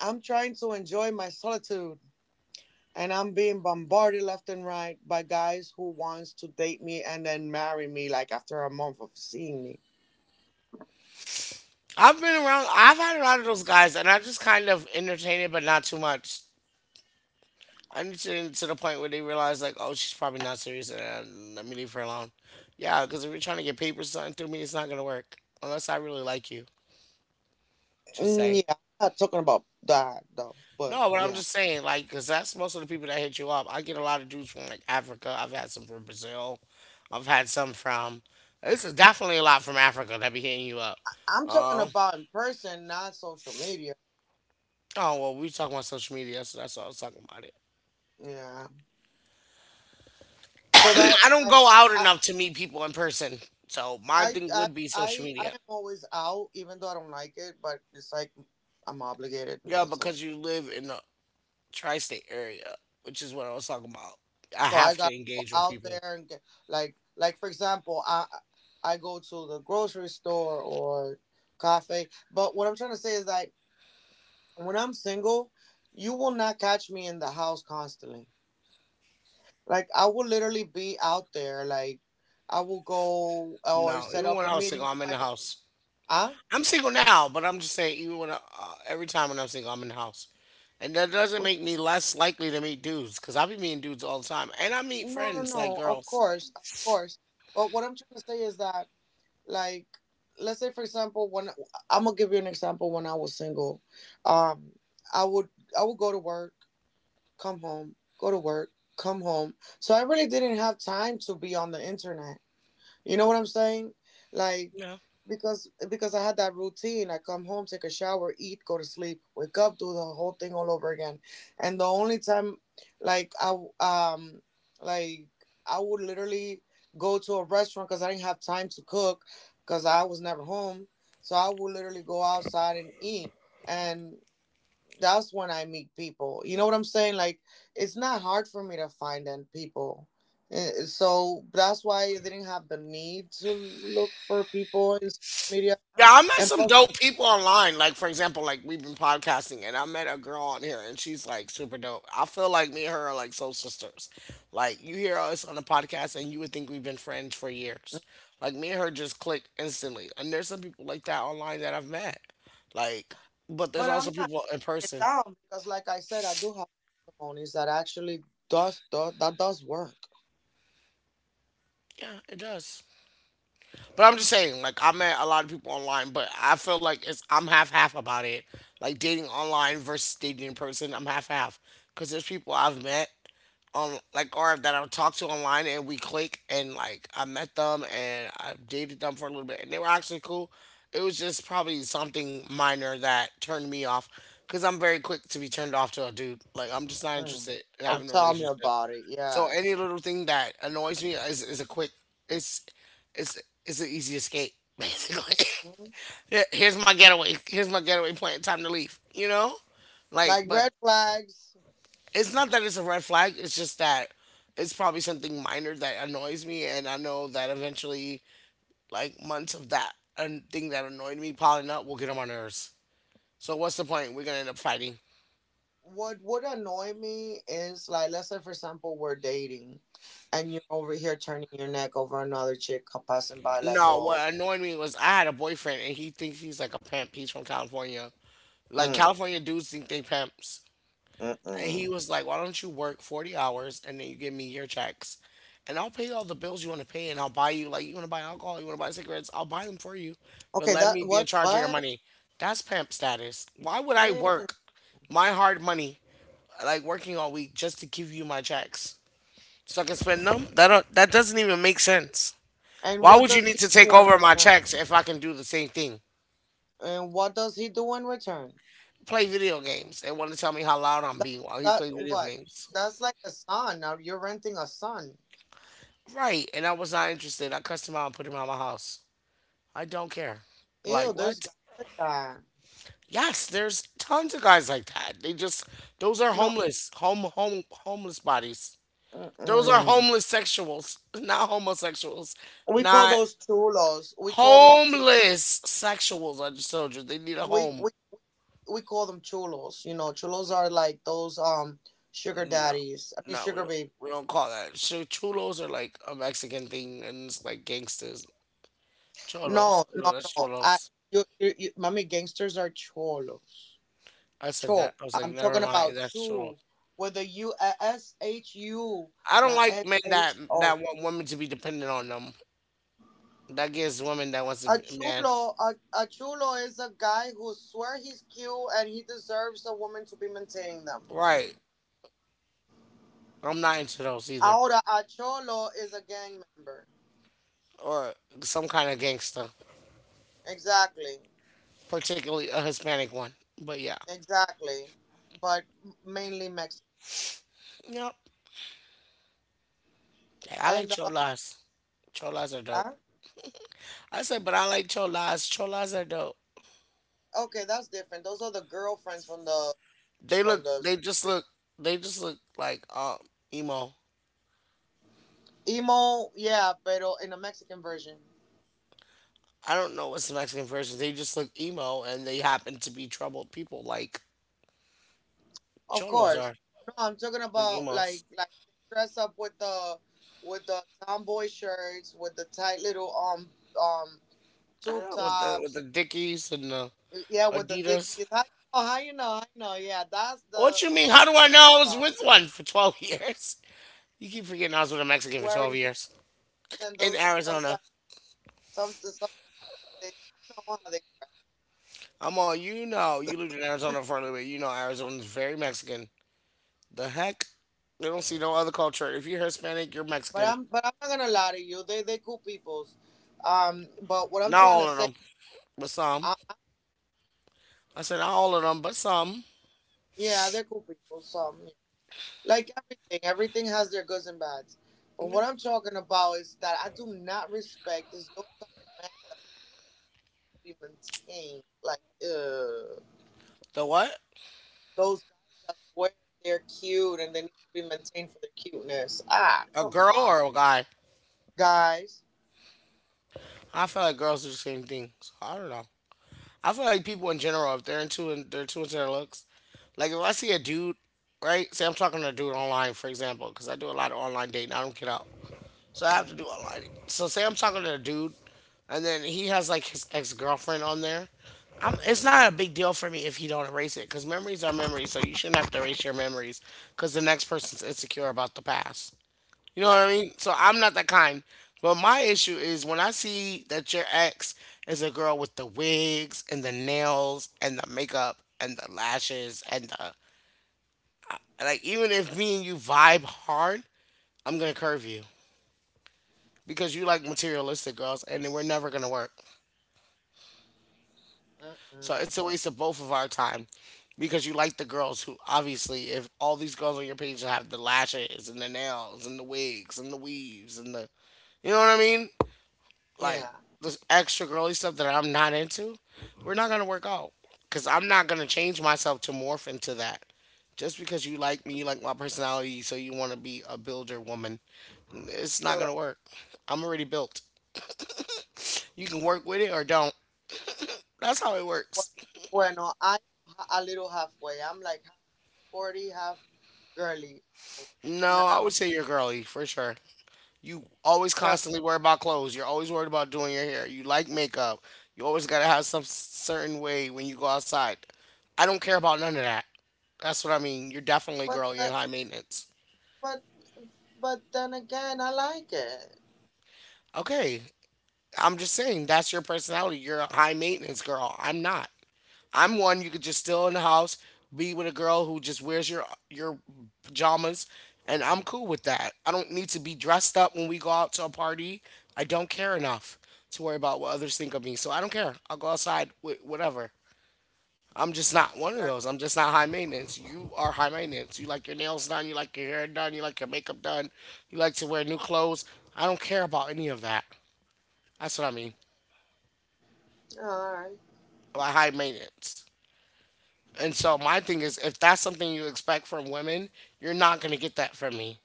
I'm trying to enjoy my solitude, and I'm being bombarded left and right by guys who wants to date me and then marry me like after a month of seeing me. I've been around. I've had a lot of those guys and I just kind of entertain it but not too much. I need to the point where they realize like oh she's probably not serious, and let me leave her alone. Yeah, because if you're trying to get papers signed through me it's not gonna work unless I really like you. Just Mm, saying. yeah, I'm not talking about that though, but No, but I'm yeah. just saying, like, because that's most of the people that hit you up. I get a lot of dudes from like Africa. I've had some from Brazil. I've had some from. This is definitely a lot from Africa that be hitting you up. I'm talking Um. about in person, not social media. Oh well, we talking about social media, so that's why I was talking about it. Yeah. So that I don't like go out I enough to meet people in person, so my thing would be social I media. am always out, even though I don't like it, but it's like I'm obligated Yeah, because of because you live in the tri-state area, which is what I was talking about. I so I have to gotta go engage with out there people. and get like for example, I go to the grocery store or cafe. But what I'm trying to say is that when I'm single, you will not catch me in the house constantly. Like I will literally be out there. Like I will go or No, set even up when a I was meeting single, with I'm in my. the house. Ah. I'm single now, but I'm just saying, even when I, every time when I'm single, I'm in the house, and that doesn't What- make me less likely to meet dudes because I be meeting dudes all the time, and I meet No, no, friends like no. Of girls. course, of course. But what I'm trying to say is that, like, let's say for example, when I'm gonna give you an example. When I was single, um, I would I would go to work, come home, go to work, come home. So I really didn't have time to be on the internet. You know what I'm saying? Like Yeah, because I had that routine. I come home, take a shower, eat, go to sleep, wake up, do the whole thing all over again. And the only time like like I would literally go to a restaurant cuz I didn't have time to cook cuz I was never home. So I would literally go outside and eat. And that's when I meet people. You know what I'm saying? Like, it's not hard for me to find them people. So that's why I didn't have the need to look for people in social media. yeah, I met And some plus, dope people online. Like for example, like we've been podcasting, and I met a girl on here, and she's like super dope. I feel like me and her are like soul sisters. Like you hear us on the podcast, and you would think we've been friends for years. Like me and her just click instantly, and there's some people like that online that I've met. Like, but there's but also I'm not people in getting person. down because, like I said, I do have testimonies that actually do that does work. Yeah, it does. But I'm just saying, like I met a lot of people online, but I feel like it's I'm half half about it. Like dating online versus dating in person, I'm half half. Cause there's people I've met on like or that I've talked to online and we click and like I met them and I dated them for a little bit and they were actually cool. It was just probably something minor that turned me off. Cause I'm very quick to be turned off to a dude. Like I'm just not Mm. interested in Oh, having a tell me relationship. about it. So any Yes. little thing that annoys me is a quick it's it's it's an easy escape basically. Mhm. Here's my getaway. Here's my getaway plan. Time to leave. You know, like Like but red flags. it's not that it's a red flag. It's just that it's probably something minor that annoys me, and I know that eventually, like months of that and thing that annoyed me piling up will get on my nerves. So what's the point? We're gonna end up fighting. What would annoy me is like let's say for example we're dating and you're over here turning your neck over another chick passing by like No, oh. what annoyed me was I had a boyfriend and he thinks he's like a pimp. He's from California. Like Mm, California dudes think they pimps. And he mm-mm. was like, why don't you work 40 hours and then you give me your checks? And I'll pay you all the bills you want to pay and I'll buy you, like, you want to buy alcohol, you want to buy cigarettes, I'll buy them for you. But Okay, let that me be in what charge of your what. money. That's pimp status. Why would I Eh. work my hard money, like working all week, just to give you my checks so I can spend them? That doesn't even make sense. And Why what would you does need he to take do in over my return? checks if I can do the same thing? And what does he do in return? Play video games and want to tell me how loud I'm that being while he's that playing video what games. that's like a son. Now you're renting a son. Right. And I was not interested. I cussed him out and put him out of my house. I don't care. Ew, Like there's what? guys like that. Yes, there's tons of guys like that. They just those are No. homeless. Home homeless bodies. Those are Mm-mm. homeless sexuals, not homosexuals. We call Not those chulos we call those chulos homeless sexuals. I just told you. They need a we, home. we we call them chulos. You know, chulos are like those sugar No, daddies. I mean, no, we sugar don't. baby. We don't call that. Chulos are like a Mexican thing, and it's like gangsters. No, Cholos. No, no, that's no. I cholos. you, you, you mommy, gangsters are cholos. I said that. Cho. I was like, I'm never talking mind. about That's cholos. chu with a U. S. H. U. I don't Not like s men that h o. that want women to be dependent on them. That gives women that wants to A be man. chulo, a chulo is a guy who swear he's cute and he deserves a woman to be maintaining them. Right. I'm not into those either. Ahora, a cholo is a gang member. Or some kind of gangster, Exactly, particularly a Hispanic one. But yeah. exactly, but mainly Mexican. Yep. I like And cholas. Cholas are dope. huh? I said, but I like cholas. Cholas are dope. Okay, that's different. Those are the girlfriends They from look. the They just version. look. They just look like emo. Emo. Yeah, pero in the Mexican version, I don't know what's the Mexican version. They just look emo, and they happen to be troubled people, like of cholos course. are, No, I'm talking like about emos. Like they dress up with the tomboy shirts with the tight little um I tube don't know with tops the and Dickies and the yeah with the Adidas. dickies. How you know? How you know? I know. Yeah, What you mean? How that's do what I I'm know? talking I was about. with one for 12 years. You keep forgetting I was with a Mexican for twelve Wearing dickies years and in those are Arizona. Sometimes they you know how they dress. I'm all, you know. You lived in Arizona for a little bit. You know Arizona's very Mexican. The heck? They don't see no other culture. If you're Hispanic, you're But Mexican. I'm but I'm not gonna lie to you. They cool peoples. But what I'm Not trying to all of say, them. But some. uh, I said not all of them, but some. yeah, they're cool people. Some, yeah. Like everything. Everything has their goods and bads. But Yeah. what I'm talking about is that I do not respect is those type of men to be maintained. Like, The what? those guys that swear they're cute and they need to be maintained for their cuteness. Ah, A come girl on, or a guy? guys. I feel like girls do the same thing. So I don't know. I feel like people in general, if they're into they're too into their looks. Like if I see a dude, right? Say I'm talking to a dude online, for example, because I do a lot of online dating. I don't get out, so I have Mm, to do online. So say I'm talking to a dude, and then he has like his ex girlfriend on there. I'm, it's mm, not a big deal for me if he don't erase it, because memories are memories. So you shouldn't have to erase your memories, because the next person's insecure about the past. You know what yeah. I mean? So I'm not that kind. But my issue is when I see that your ex is a girl with the wigs and the nails and the makeup and the lashes and the and like even if me and you vibe hard, I'm gonna curve you because you like materialistic girls and we're never gonna work. So Mm-mm. it's a waste of both of our time because you like the girls who obviously if all these girls on your page have the lashes and the nails and the wigs and the weaves and the you know what I mean? Like Yeah. this extra girly stuff that I'm not into, we're not gonna work out. Cause I'm not gonna change myself to morph into that. Just because you like me, you like my personality, so you want to be a builder woman, it's not gonna Correct. work. I'm already built. You can work with it or don't. That's how it Bueno, works. bueno, I am a little halfway. I'm like half sporty, half girly. So No, not a I would hundred. say you're girly for sure. You always Trust me. constantly worry about clothes. You're always worried about doing your hair. You like makeup. You always gotta have some certain way when you go outside. I don't care about none of that. That's what I mean. You're definitely But girly and that, high maintenance. but but then again, I like it. Okay, I'm just saying that's your personality. You're a high maintenance girl. I'm not. I'm one. You could just still in the house, be with a girl who just wears your pajamas, and I'm cool with that. I don't need to be dressed up when we go out to a party. I don't care enough to worry about what others think of me. So I don't care. I'll go outside with whatever. I'm just not one of Sure. those. I'm just not high maintenance. You are high maintenance. You like your nails done. You like your hair done. You like your makeup done. You like to wear new clothes. I don't care about any of that. That's what I mean All right. by high maintenance. And so my thing is, if that's something you expect from women, you're not gonna get that from me.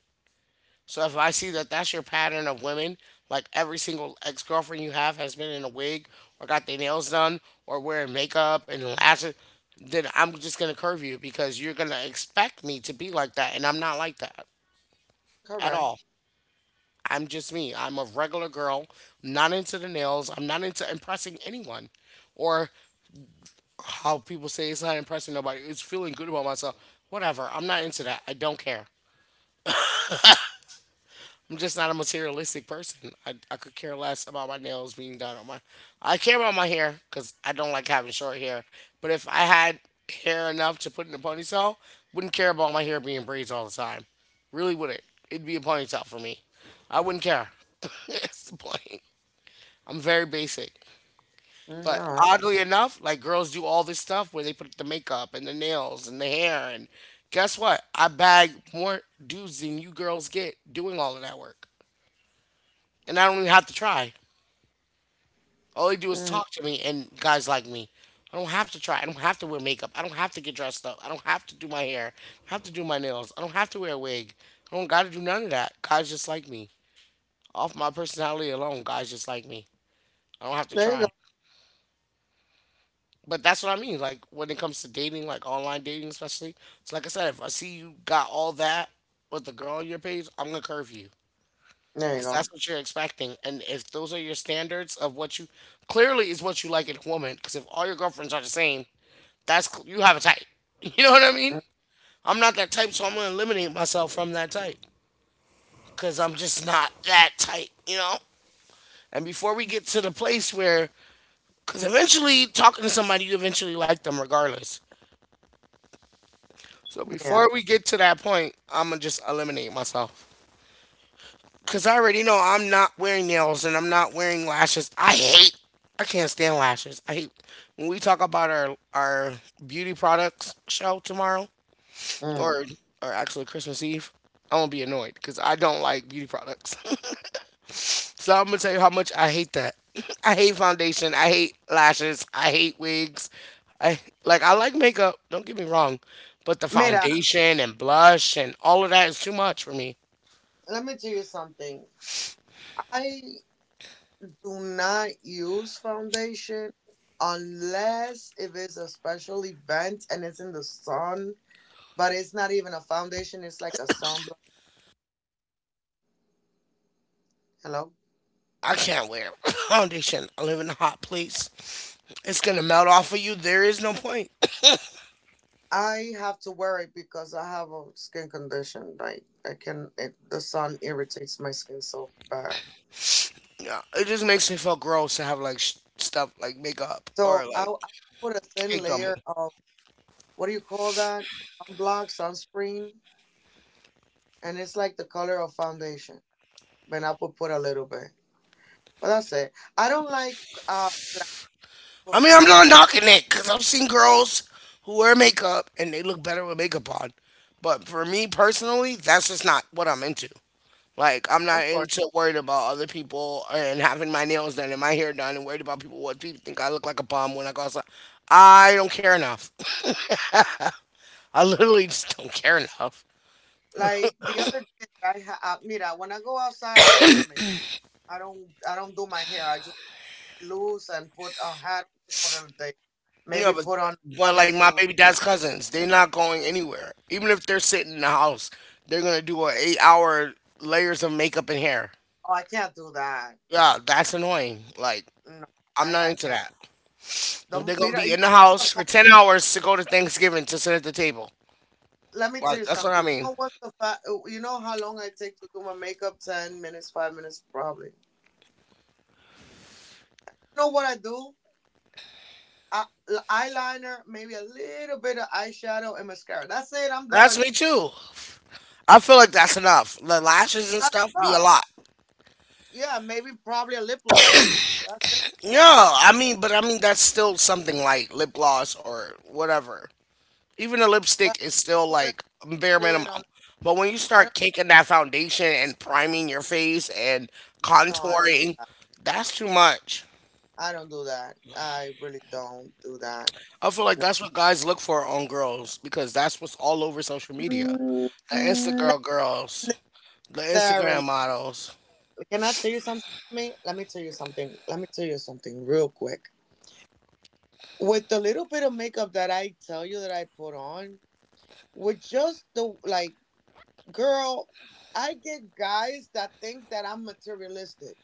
So if I see that that's your pattern of women, like every single ex girlfriend you have has been in a wig or got their nails done or wearing makeup and lashes, then I'm just gonna curve you because you're gonna expect me to be like that, and I'm not like that at Correct. all. I'm just me. I'm a regular girl, not into the nails. I'm not into impressing anyone or how people say it's not impressing nobody. It's feeling good about myself. Whatever. I'm not into that. I don't care. I'm just not a materialistic person. I could care less about my nails being done on my. I care about my hair because I don't like having short hair. But if I had hair enough to put in a ponytail, wouldn't care about my hair being braids all the time. Really wouldn't. It'd be a ponytail for me. I wouldn't care. That's the point. I'm very basic. Mm, all But right. oddly enough, like girls do all this stuff where they put the makeup and the nails and the hair and guess what? I bag more dudes than you girls get doing all of that work. And I don't even have to try. All they do is Mm. talk to me and guys like me. I don't have to try. I don't have to wear makeup. I don't have to get dressed up. I don't have to do my hair. I don't have to do my nails. I don't have to wear a wig. I don't gotta do none of that. Guys just like me. Off my personality alone, guys just like me. I don't have to There you go. try. But that's what I mean. Like when it comes to dating, like online dating especially. So like I said, if I see you got all that with the girl on your page, I'm gonna curve you There you because go. that's what you're expecting. And if those are your standards of what you clearly is what you like in a woman, because if all your girlfriends are the same, that's you have a type. You know what I mean? Mm, I'm not that type, so I'm gonna eliminate myself from that type because I'm just not that type. You know. And before we get to the place where, because eventually talking to somebody, you eventually like them regardless. So yeah. before we get to that point, I'm gonna just eliminate myself. Cause I already know I'm not wearing nails and I'm not wearing lashes. I hate. I can't stand lashes. I hate. When we talk about our beauty products show tomorrow, Mm. or or actually Christmas Eve, I'm gonna be annoyed because I don't like beauty products. So I'm gonna tell you how much I hate that. I hate foundation. I hate lashes. I hate wigs. I like makeup. Don't get me wrong, but the Mira, foundation and blush and all of that is too much for me. let me tell you something. I do not use foundation unless if it's a special event and it's in the sun. But it's not even a foundation. It's like a sunblock. Hello. I can't wear foundation. I live in a hot place. It's gonna melt off of you. There is no point. I have to wear it because I have a skin condition. Like, the sun irritates my skin so bad. Yeah, it just makes me feel gross to have like stuff like makeup So or I like I put a thin caked on layer me. of, what do you call that? Sunblock, sunscreen, and it's like the color of foundation. Then I put a little bit, but that's it. I don't like black I or mean, fake I'm not lashes. knocking it because I've seen girls who wear makeup and they look better with makeup on. But for me personally, that's just not what I'm into. Like, I'm not Of course. into worried about other people and having my nails done and my hair done and worried about people what people think I look like a bum when I go outside. I don't care enough. I literally just don't care enough. Like the other day, I mira, when I go outside, I don't wear makeup. I don't do my hair. I just loose and put a hat on for a day. Yeah, Maybe but put on a but jogging like my suit. baby dad's cousins, they're not going anywhere. Even if they're sitting in the house, they're gonna do a 8 hour layers of makeup and hair. Oh, I can't do that. Yeah, that's annoying. Like, No, I'm not I into can't. that. The They're gonna you be you in the know what's the house for fact? 10 hours to go to Thanksgiving to sit at the table. Let me tell you Like, that's what something. I You mean. know what's the fact? You know how long I take to do my makeup? 10 minutes, 5 minutes, probably. You know what I do? I, eyeliner, maybe a little bit of eyeshadow and mascara. That's it. I'm That's done. me too. I feel like that's enough. The lashes and That's stuff be a enough. lot. Yeah, maybe probably a lip gloss. That's it. Yeah, I mean, but I mean that's still something like lip gloss or whatever. Even a But lipstick is still I like bare do it minimum. on. But when you I start don't. caking that foundation and priming your face and No, I don't do contouring, that. that's too much. I don't do that. I really don't do that. I feel No. like that's what guys look for on girls because that's what's all over social media. The Mm, not Instagram girls, the Instagram necessarily. models. Can I tell you something? Me? Let me tell you something. Let me tell you something real quick. With the little bit of makeup that I tell you that I put on, with just the, like, girl, I get guys that think that I'm materialistic.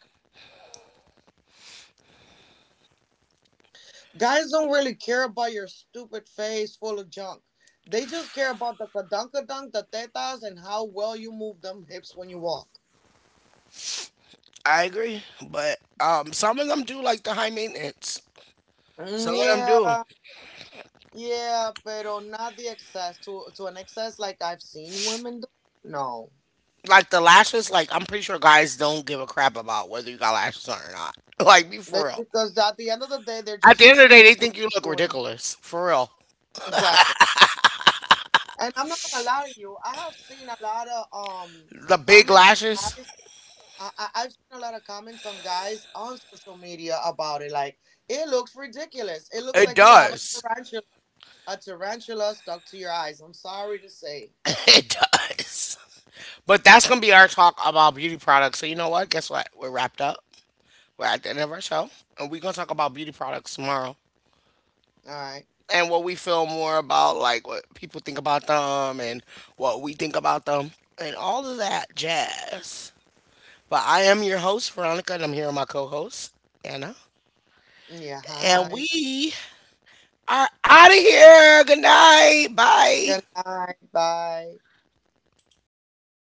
Guys don't really care about your stupid face full of junk. They just care about the kadunkadunk, the tetas, and how well you move them hips when you walk. I agree, but some of them do like the high maintenance. Mm, Some of them do. yeah, yeah, pero not the excess to an excess like I've seen women do. No, Like the lashes, like I'm pretty sure guys don't give a crap about whether you got lashes on or not. Like, be they, for real. because at the end of the day, they're At the just end of the day, they think you look doing ridiculous. For real. exactly. And I'm not gonna lie to you. I have seen a lot of The big comments on lashes, guys. I've seen a lot of comments on guys on social media about it. Like it looks ridiculous. It looks it like you have does. A tarantula stuck to your eyes. I'm sorry to say. It does. But that's going to be our talk about beauty products. So, you know what? Guess what? We're wrapped up. We're at the end of our show, and we're gonna talk about beauty products tomorrow, All right. and what we feel more about, like what people think about them, and what we think about them, and all of that jazz. But I am your host Veronica, and I'm here with my co-host Anna, Yeah. and Hi. we are out of here. Good night. Bye. Good night. Bye.